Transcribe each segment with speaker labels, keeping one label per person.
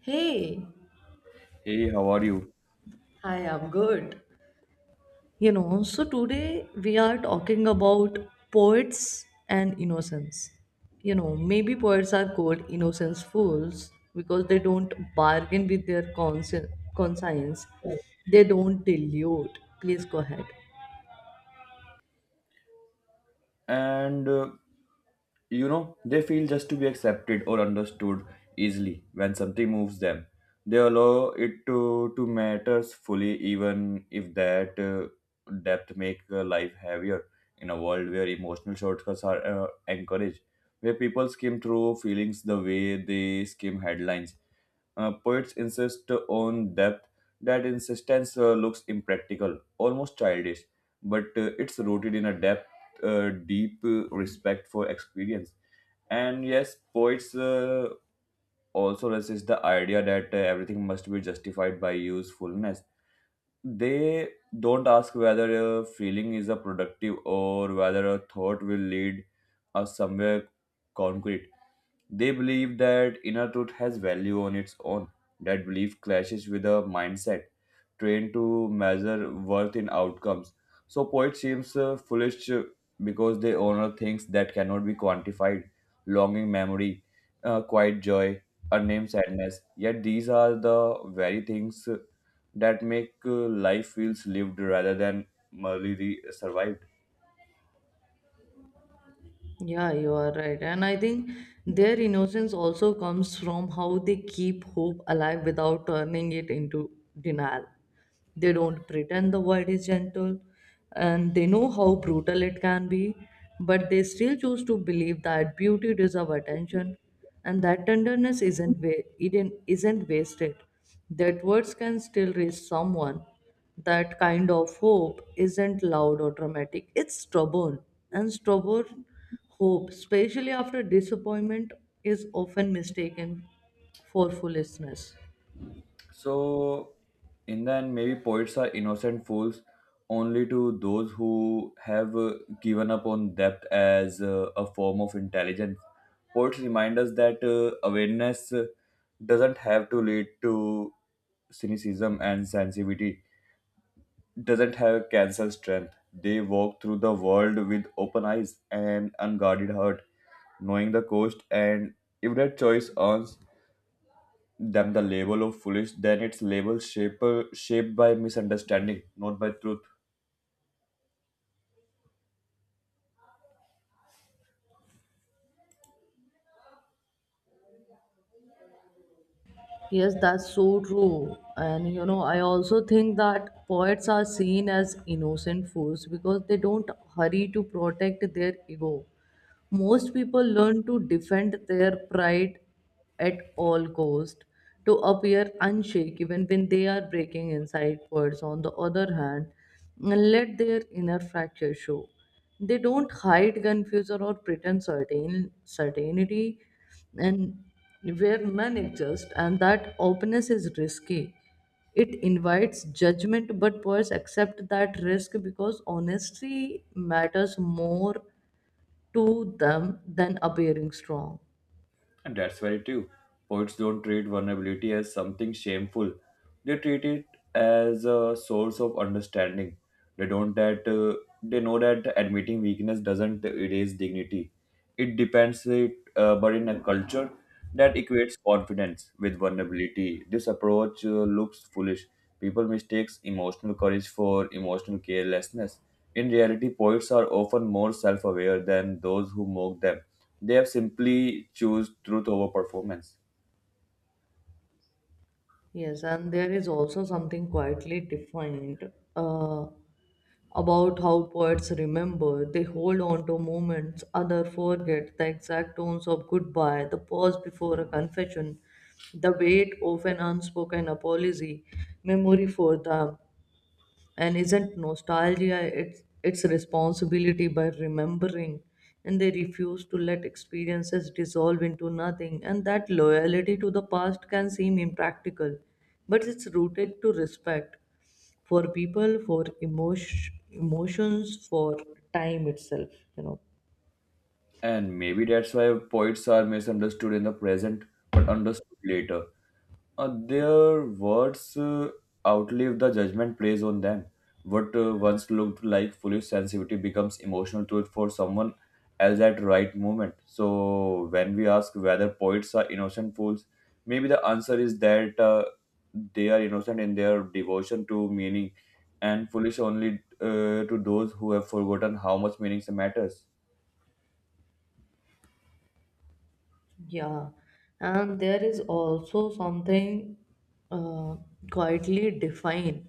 Speaker 1: Hey,
Speaker 2: Hey, how are you?
Speaker 1: I am good. You know, so today we are talking about poets and innocence. You know, maybe poets are called innocence fools because they don't bargain with their conscience, they don't dilute. Please go ahead.
Speaker 2: And you know, they feel just to be accepted or understood easily when something moves them. They allow it to matters fully, even if that depth make life heavier in a world where emotional shortcuts are encouraged, where people skim through feelings the way they skim headlines. Poets insist on depth. That insistence looks impractical, almost childish, but it's rooted in a depth deep respect for experience. And yes, poets also resist the idea that everything must be justified by usefulness. They don't ask whether a feeling is a productive or whether a thought will lead us somewhere concrete. They believe that inner truth has value on its own. That belief clashes with a mindset trained to measure worth in outcomes. So, poet seems foolish because they honor things that cannot be quantified longing memory, quiet joy, unnamed sadness. Yet, these are the very things that make life feels lived rather than survived.
Speaker 1: Yeah, you are right. And I think their innocence also comes from how they keep hope alive without turning it into denial. They don't pretend the world is gentle and they know how brutal it can be, but they still choose to believe that beauty deserves attention and that tenderness isn't, wa- isn't wasted. That words can still reach someone, that kind of hope isn't loud or dramatic. It's stubborn, and stubborn hope, especially after disappointment, is often mistaken for foolishness.
Speaker 2: So, in the end, maybe poets are innocent fools only to those who have given up on depth as a form of intelligence. Poets remind us that awareness doesn't have to lead to cynicism and sensitivity, doesn't have cancer strength. They walk through the world with open eyes and unguarded heart, knowing the cost and if that choice earns them the label of foolish, then it's shaped by misunderstanding, not by truth.
Speaker 1: Yes, that's so true. And you know, I also think that poets are seen as innocent fools because they don't hurry to protect their ego. Most people learn to defend their pride at all cost, to appear unshaken when they are breaking inside words. On the other hand, let their inner fracture show. They don't hide, confuse, or pretend certainty, and where none exist, and that openness is risky. It invites judgment, but poets accept that risk because honesty matters more to them than appearing strong.
Speaker 2: And that's very true. Poets don't treat vulnerability as something shameful, they treat it as a source of understanding. They don't that uh, they know that admitting weakness doesn't erase dignity. It depends it, but in a culture that equates confidence with vulnerability, this approach looks foolish. People mistakes emotional courage for emotional carelessness. In reality, poets are often more self-aware than those who mock them. They have simply choose truth over performance.
Speaker 1: Yes, and there is also something quietly defined about how poets remember. They hold on to moments, other forget the exact tones of goodbye, the pause before a confession, the weight of an unspoken apology, memory for them. And isn't nostalgia its responsibility by remembering, and they refuse to let experiences dissolve into nothing, and that loyalty to the past can seem impractical, but it's rooted to respect for people, for emotions, for time itself, you know.
Speaker 2: And maybe that's why poets are misunderstood in the present but understood later. Their words outlive the judgment placed on them. What once looked like foolish sensitivity becomes emotional truth for someone else at right moment. So when we ask whether poets are innocent fools, maybe the answer is that they are innocent in their devotion to meaning and foolish only to those who have forgotten how much meaning matters.
Speaker 1: Yeah, and there is also something uh, quietly defined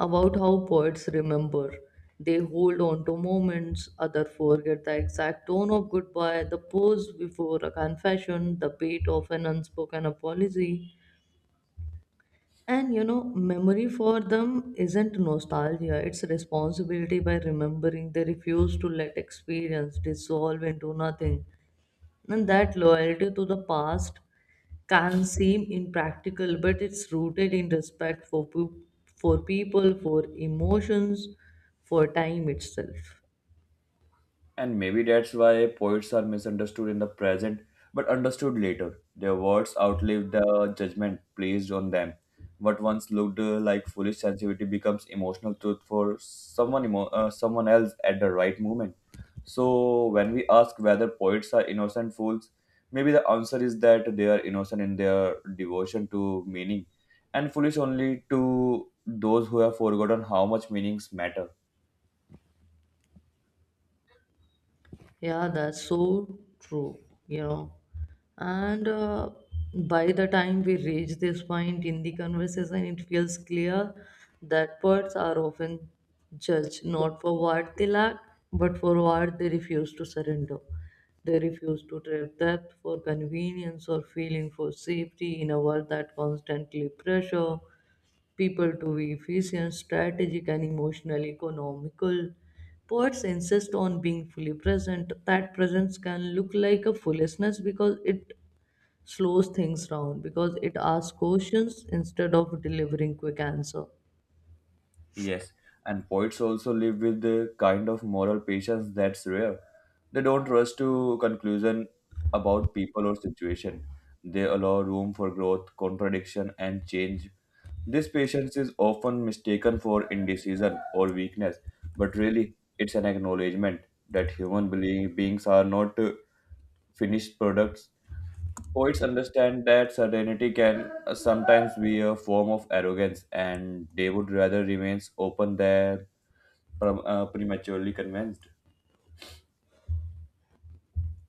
Speaker 1: about how poets remember. They hold on to moments, others forget the exact tone of goodbye, the pause before a confession, the beat of an unspoken apology. And you know, memory for them isn't nostalgia, it's responsibility by remembering. They refuse to let experience dissolve into nothing. And that loyalty to the past can seem impractical, but it's rooted in respect for people, for emotions, for time itself.
Speaker 2: And maybe that's why poets are misunderstood in the present but understood later. Their words outlive the judgment placed on them. What once looked like foolish sensitivity becomes emotional truth for someone else at the right moment. So, when we ask whether poets are innocent fools, maybe the answer is that they are innocent in their devotion to meaning and foolish only to those who have forgotten how much meanings matter.
Speaker 1: Yeah, that's so true, you know. And by the time we reach this point in the conversation, it feels clear that birds are often judged not for what they lack, but for what they refuse to surrender. They refuse to trade depth for convenience or feeling for safety in a world that constantly pressure people to be efficient, strategic, and emotional, economical. Poets insist on being fully present. That presence can look like a foolishness because it slows things down, because it asks questions instead of delivering quick answer.
Speaker 2: Yes, and poets also live with the kind of moral patience that's rare. They don't rush to conclusion about people or situation. They allow room for growth, contradiction, and change. This patience is often mistaken for indecision or weakness, but really, it's an acknowledgement that beings are not finished products. Poets understand that certainty can sometimes be a form of arrogance, and they would rather remain open than prematurely convinced.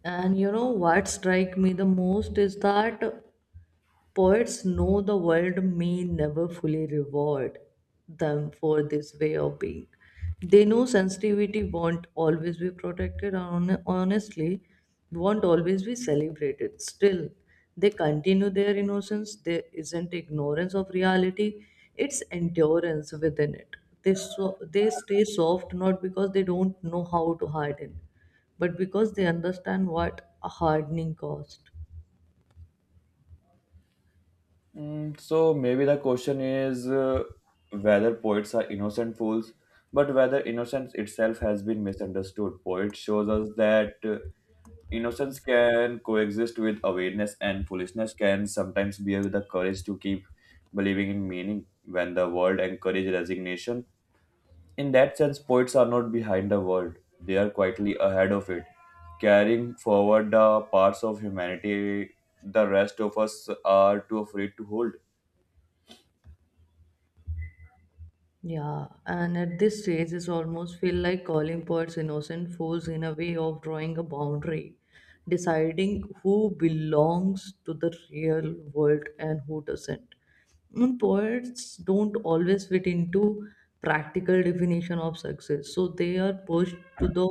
Speaker 1: And you know what strike me the most is that poets know the world may never fully reward them for this way of being. They know sensitivity won't always be protected, and honestly, won't always be celebrated. Still, they continue their innocence. There isn't ignorance of reality, it's endurance within it. So they stay soft not because they don't know how to harden, but because they understand what a hardening cost.
Speaker 2: Mm, so maybe the question is whether poets are innocent fools, but whether innocence itself has been misunderstood. Poet shows us that innocence can coexist with awareness, and foolishness can sometimes be the courage to keep believing in meaning. When the world encourages resignation, in that sense, poets are not behind the world, they are quietly ahead of it, carrying forward the parts of humanity the rest of us are too afraid to hold.
Speaker 1: Yeah, and at this stage, it's almost feel like calling poets innocent fools in a way of drawing a boundary, deciding who belongs to the real world and who doesn't. Mm, poets don't always fit into practical definition of success, so they are pushed to the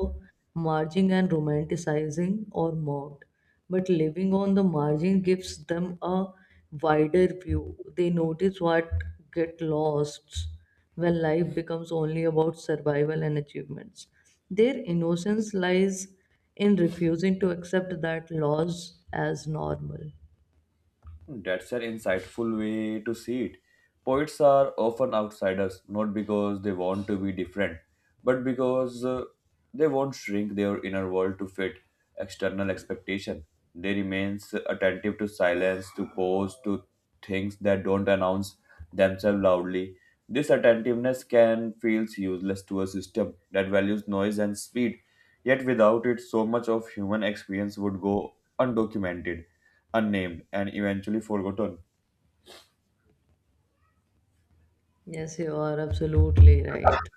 Speaker 1: margin and romanticizing or mocked. But living on the margin gives them a wider view. They notice what get lost when life becomes only about survival and achievements. Their innocence lies in refusing to accept that loss as normal.
Speaker 2: That's an insightful way to see it. Poets are often outsiders, not because they want to be different, but because they won't shrink their inner world to fit external expectation. They remains attentive to silence, to pause, to things that don't announce themselves loudly. This attentiveness can feel useless to a system that values noise and speed. Yet without it, so much of human experience would go undocumented, unnamed, and eventually forgotten.
Speaker 1: Yes, you are absolutely right.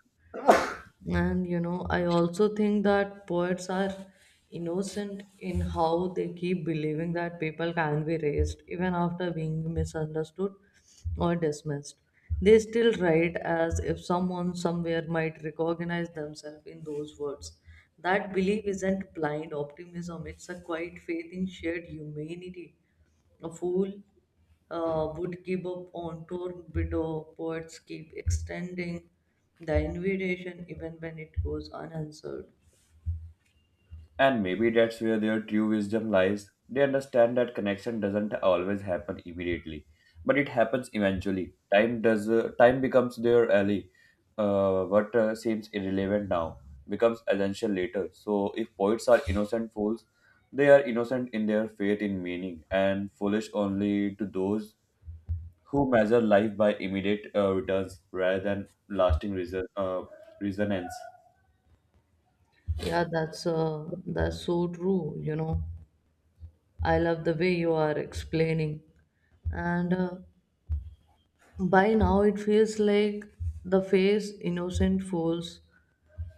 Speaker 1: And you know, I also think that poets are innocent in how they keep believing that people can be raised even after being misunderstood or dismissed. They still write as if someone somewhere might recognize themselves in those words. That belief isn't blind optimism, it's a quiet faith in shared humanity. A fool would give up on tour widow. Poets keep extending the invitation even when it goes unanswered.
Speaker 2: And maybe that's where their true wisdom lies. They understand that connection doesn't always happen immediately, but it happens eventually. Time becomes their ally. What seems irrelevant now becomes essential later. So if poets are innocent fools, they are innocent in their faith in meaning and foolish only to those who measure life by immediate returns rather than lasting resonance.
Speaker 1: Yeah, that's so true, you know. I love the way you are explaining. And by now it feels like the face innocent fools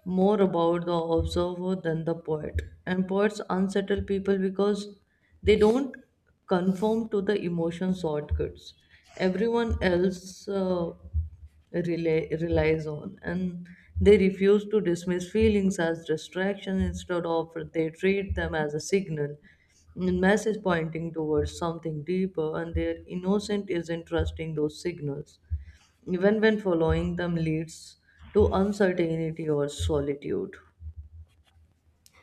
Speaker 1: more about the observer than the poet. And poets unsettle people because they don't conform to the emotion shortcuts everyone else relies on. And they refuse to dismiss feelings as distraction, instead of they treat them as a signal, a message pointing towards something deeper, and their innocent is in trusting those signals even when following them leads to uncertainty or solitude.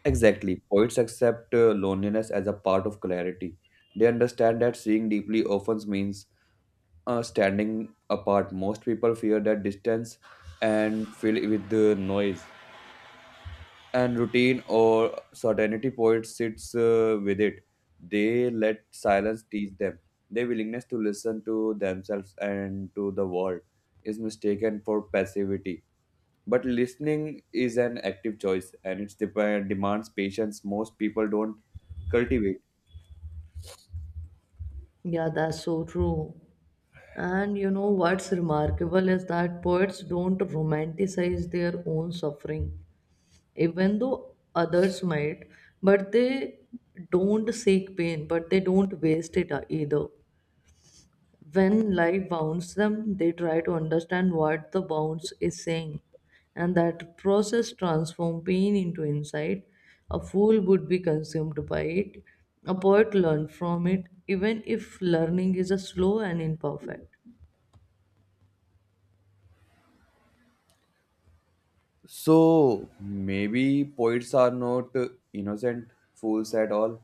Speaker 2: Exactly. Poets accept loneliness as a part of clarity. They understand that seeing deeply often means standing apart. Most people fear that distance and fill it with the noise and routine or certainty. Poet sits with it. They let silence teach them. Their willingness to listen to themselves and to the world is mistaken for passivity. But listening is an active choice and it demands patience most people don't cultivate.
Speaker 1: Yeah, that's so true. And you know what's remarkable is that poets don't romanticize their own suffering, even though others might, but they don't seek pain, but they don't waste it either. When life bounds them, they try to understand what the bounce is saying, and that process transforms pain into insight. A fool would be consumed by it, a poet learned from it, even if learning is a slow and imperfect.
Speaker 2: So maybe poets are not innocent fools at all.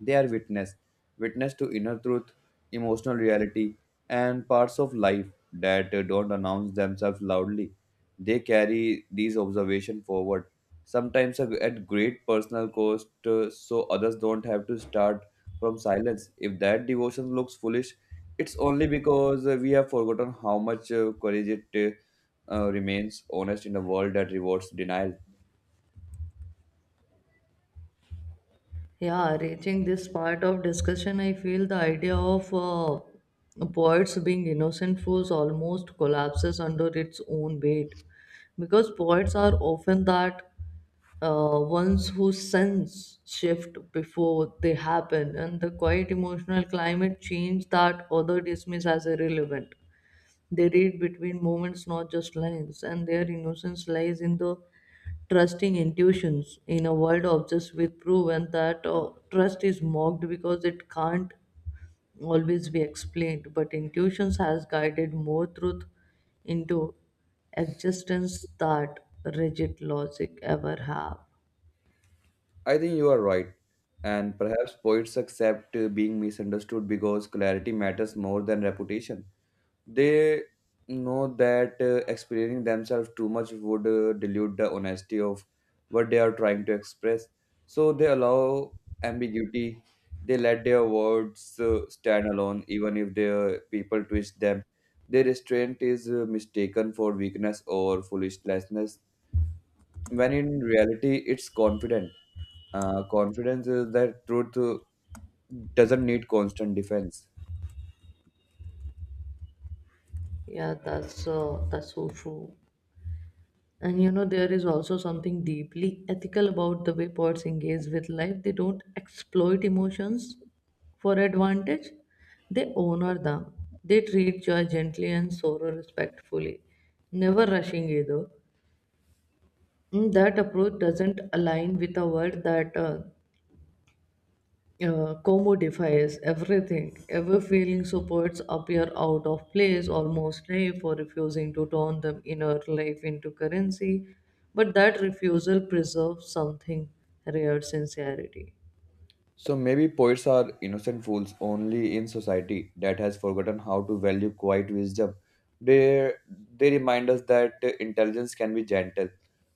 Speaker 2: They are witness to inner truth, emotional reality, and parts of life that don't announce themselves loudly. They carry these observations forward, sometimes at great personal cost, so others don't have to start from silence. If that devotion looks foolish, it's only because we have forgotten how much courage it remains honest in a world that rewards denial.
Speaker 1: Yeah, reaching this part of discussion, I feel the idea of poets being innocent fools almost collapses under its own weight because poets are often that ones whose sense shift before they happen, and the quiet emotional climate change that other dismiss as irrelevant. They read between moments, not just lines, and their innocence lies in the trusting intuitions in a world obsessed with proof, and that trust is mocked because it can't always be explained. But intuitions has guided more truth into existence that rigid logic ever have.
Speaker 2: I think you are right. And perhaps poets accept being misunderstood because clarity matters more than reputation. They know that explaining themselves too much would dilute the honesty of what they are trying to express. So they allow ambiguity. They let their words stand alone, even if their people twist them. Their restraint is mistaken for weakness or foolishness when in reality it's confident confidence is that truth doesn't need constant defense.
Speaker 1: Yeah, that's so true. And you know, there is also something deeply ethical about the way poets engage with life. They don't exploit emotions for advantage. They honor them. They treat joy gently and sorrow respectfully, never rushing either. Mm, that approach doesn't align with a world that commodifies everything, ever feeling, so poets appear out of place, almost naive for refusing to turn them inner life into currency. But that refusal preserves something rare sincerity.
Speaker 2: So maybe poets are innocent fools only in society that has forgotten how to value quiet wisdom. They they remind us that intelligence can be gentle,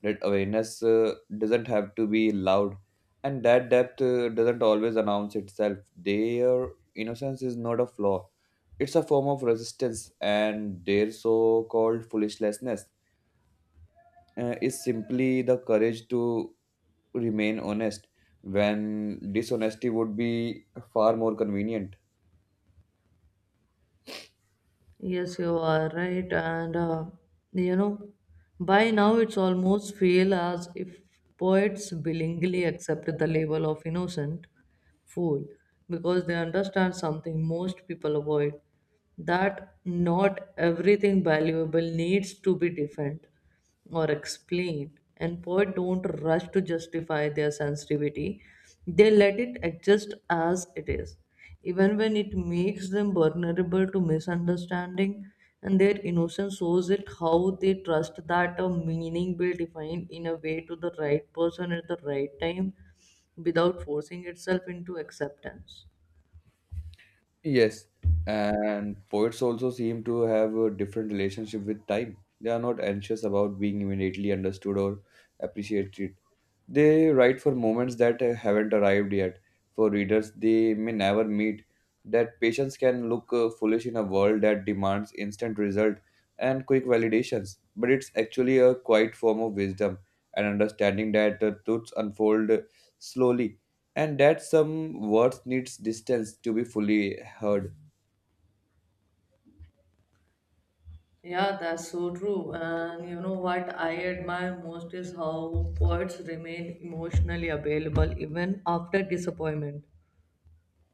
Speaker 2: that awareness doesn't have to be loud, and that depth doesn't always announce itself. Their innocence is not a flaw; it's a form of resistance and their so-called foolishness is simply the courage to remain honest when dishonesty would be far more convenient.
Speaker 1: Yes, you are right. And you know, by now it's almost feel as if poets willingly accept the label of innocent fool because they understand something most people avoid, that not everything valuable needs to be defended or explain, and poets don't rush to justify their sensitivity, they let it adjust as it is even when it makes them vulnerable to misunderstanding, and their innocence shows it how they trust that a meaning will define in a way to the right person at the right time without forcing itself into acceptance.
Speaker 2: Yes, and poets also seem to have a different relationship with time. They are not anxious about being immediately understood or appreciated. They write for moments that haven't arrived yet. For readers they may never meet. That patience can look foolish in a world that demands instant result and quick validations, but it's actually a quiet form of wisdom and understanding that truths unfold slowly and that some words needs distance to be fully heard.
Speaker 1: Yeah, that's so true. And you know what I admire most is how poets remain emotionally available even after disappointment.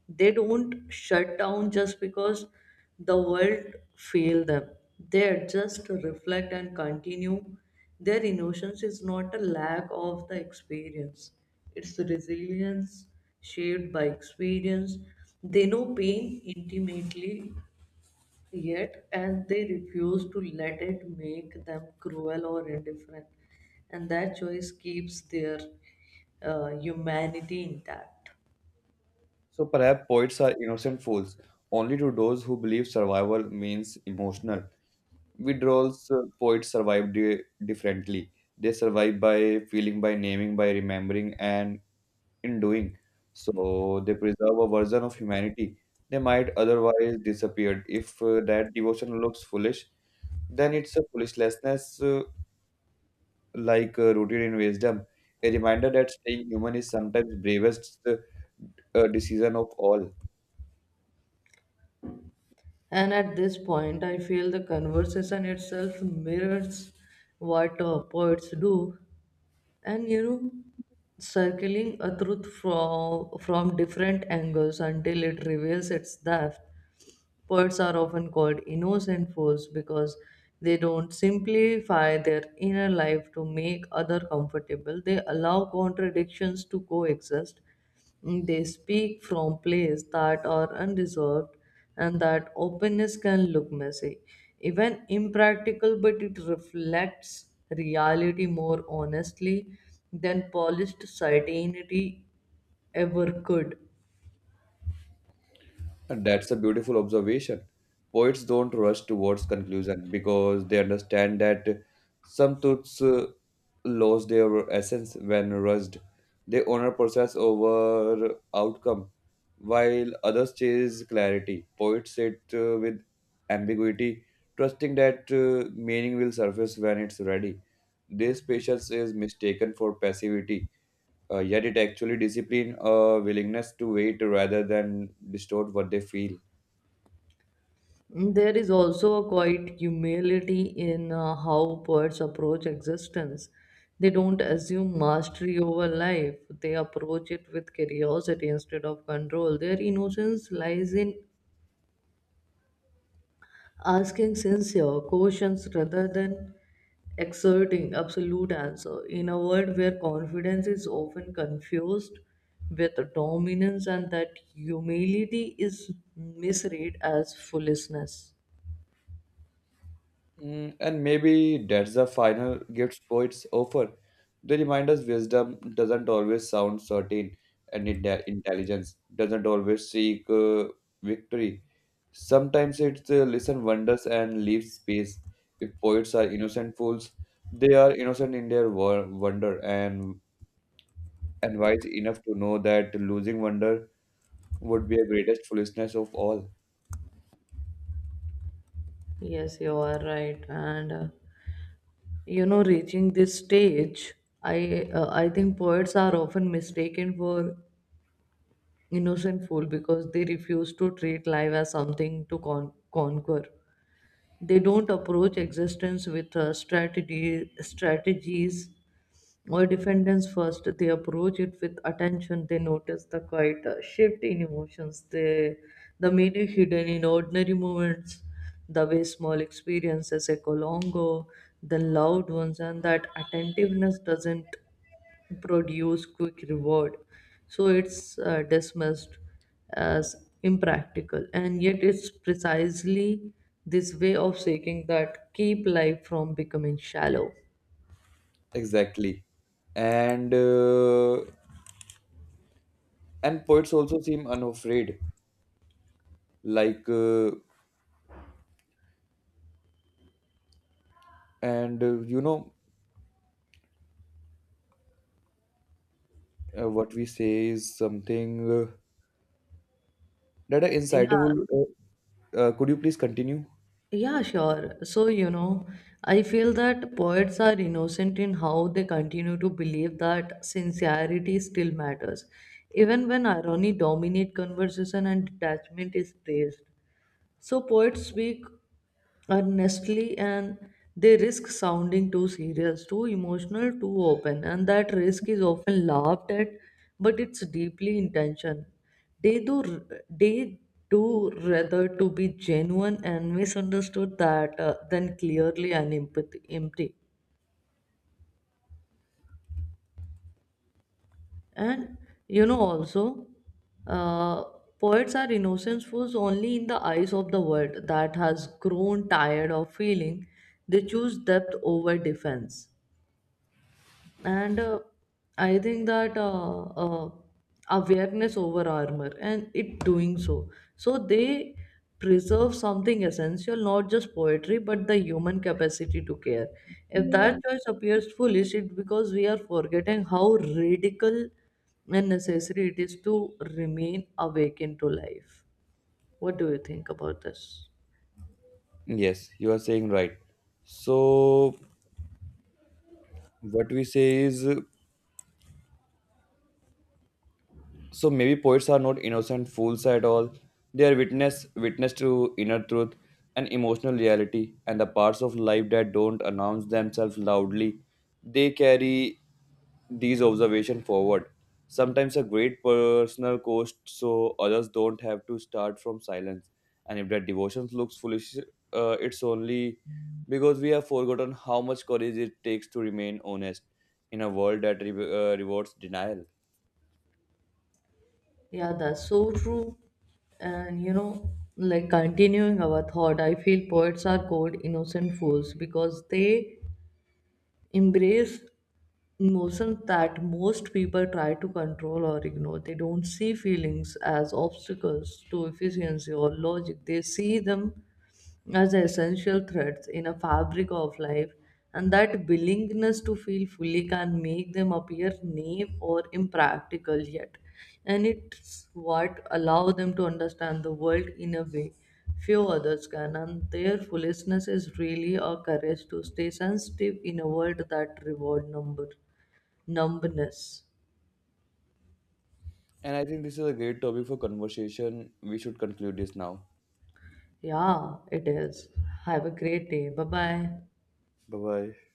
Speaker 1: They don't shut down just because the world failed them. They just reflect and continue. Their emotions is not a lack of the experience. It's the resilience shaped by experience. They know pain intimately. Yet, and they refuse to let it make them cruel or indifferent. And that choice keeps their humanity intact.
Speaker 2: So perhaps poets are innocent fools only to those who believe survival means emotional withdrawals. Poets survive differently. They survive by feeling, by naming, by remembering, and in doing. So they preserve a version of humanity they might otherwise disappeared. If that devotion looks foolish, then it's a foolishness rooted in wisdom, a reminder that staying human is sometimes bravest decision of all.
Speaker 1: And at this point, I feel the conversation itself mirrors what poets do. And you know, circling a truth from different angles until it reveals its depth. Poets are often called innocent fools because they don't simplify their inner life to make other comfortable. They allow contradictions to coexist. Mm, they speak from places that are undeserved and that openness can look messy. Even impractical, but it reflects reality more honestly than polished certainty ever could.
Speaker 2: And that's a beautiful observation. Poets don't rush towards conclusion because they understand that some truths lose their essence when rushed. They honor process over outcome, while others chase clarity. Poets sit with ambiguity, trusting that meaning will surface when it's ready. This patience is mistaken for passivity, yet it actually discipline a willingness to wait rather than distort what they feel.
Speaker 1: There is also a quiet humility in how poets approach existence. They don't assume mastery over life, they approach it with curiosity instead of control. Their innocence lies in asking sincere questions rather than exerting absolute answer. In a world where confidence is often confused with dominance and that humility is misread as foolishness.
Speaker 2: Mm, and maybe that's the final gift poets offer. They remind us wisdom doesn't always sound certain, and intelligence doesn't always seek victory. Sometimes it's listen wonders and leave space. If poets are innocent fools, they are innocent in their wonder and wise enough to know that losing wonder would be a greatest foolishness of all.
Speaker 1: Yes, you are right. And you know, reaching this stage, I think poets are often mistaken for innocent fool because they refuse to treat life as something to conquer. They don't approach existence with strategies or defendants first. They approach it with attention. They notice the quiet shift in the meaning hidden in ordinary moments, the way small experiences echo longer than loud ones, and that attentiveness doesn't produce quick reward, so it's dismissed as impractical, and yet it's precisely this way of seeking that keep life from becoming shallow.
Speaker 2: Exactly, and uh, and poets also seem unafraid like and you know what we say is something that are
Speaker 1: Yeah,
Speaker 2: insightful. Could you please continue?
Speaker 1: yeah, sure. So you know, I feel that poets are innocent in how they continue to believe that sincerity still matters even when irony dominate conversation and detachment is praised. So poets speak earnestly and they risk sounding too serious, too emotional, too open, and that risk is often laughed at, but it's deeply intention. They do rather to be genuine and misunderstood that than clearly and empty. And you know, also, uh, poets are innocentfuls only in the eyes of the world that has grown tired of feeling. They choose depth over defense and I think that awareness over armor, and it doing so they preserve something essential, not just poetry but the human capacity to care. If that choice appears foolish, it's because we are forgetting how radical and necessary it is to remain awakened to life. What do you think about this?
Speaker 2: Yes, you are saying right. So what we say is, so maybe poets are not innocent fools at all. They are witness to inner truth and emotional reality and the parts of life that don't announce themselves loudly. They carry these observations forward. Sometimes a great personal cost so others don't have to start from silence. And if that devotion looks foolish, it's only because we have forgotten how much courage it takes to remain honest in a world that rewards denial.
Speaker 1: Yeah, that's so true. And you know, like continuing our thought, I feel poets are called innocent fools because they embrace emotions that most people try to control or ignore. They don't see feelings as obstacles to efficiency or logic, they see them as essential threads in a fabric of life, and that willingness to feel fully can make them appear naive or impractical yet. And it's what allows them to understand the world in a way few others can, and their foolishness is really a courage to stay sensitive in a world that reward number numbness.
Speaker 2: And I think this is a great topic for conversation. We should conclude this now.
Speaker 1: Yeah, it is. Have a great day. Bye bye.
Speaker 2: Bye bye.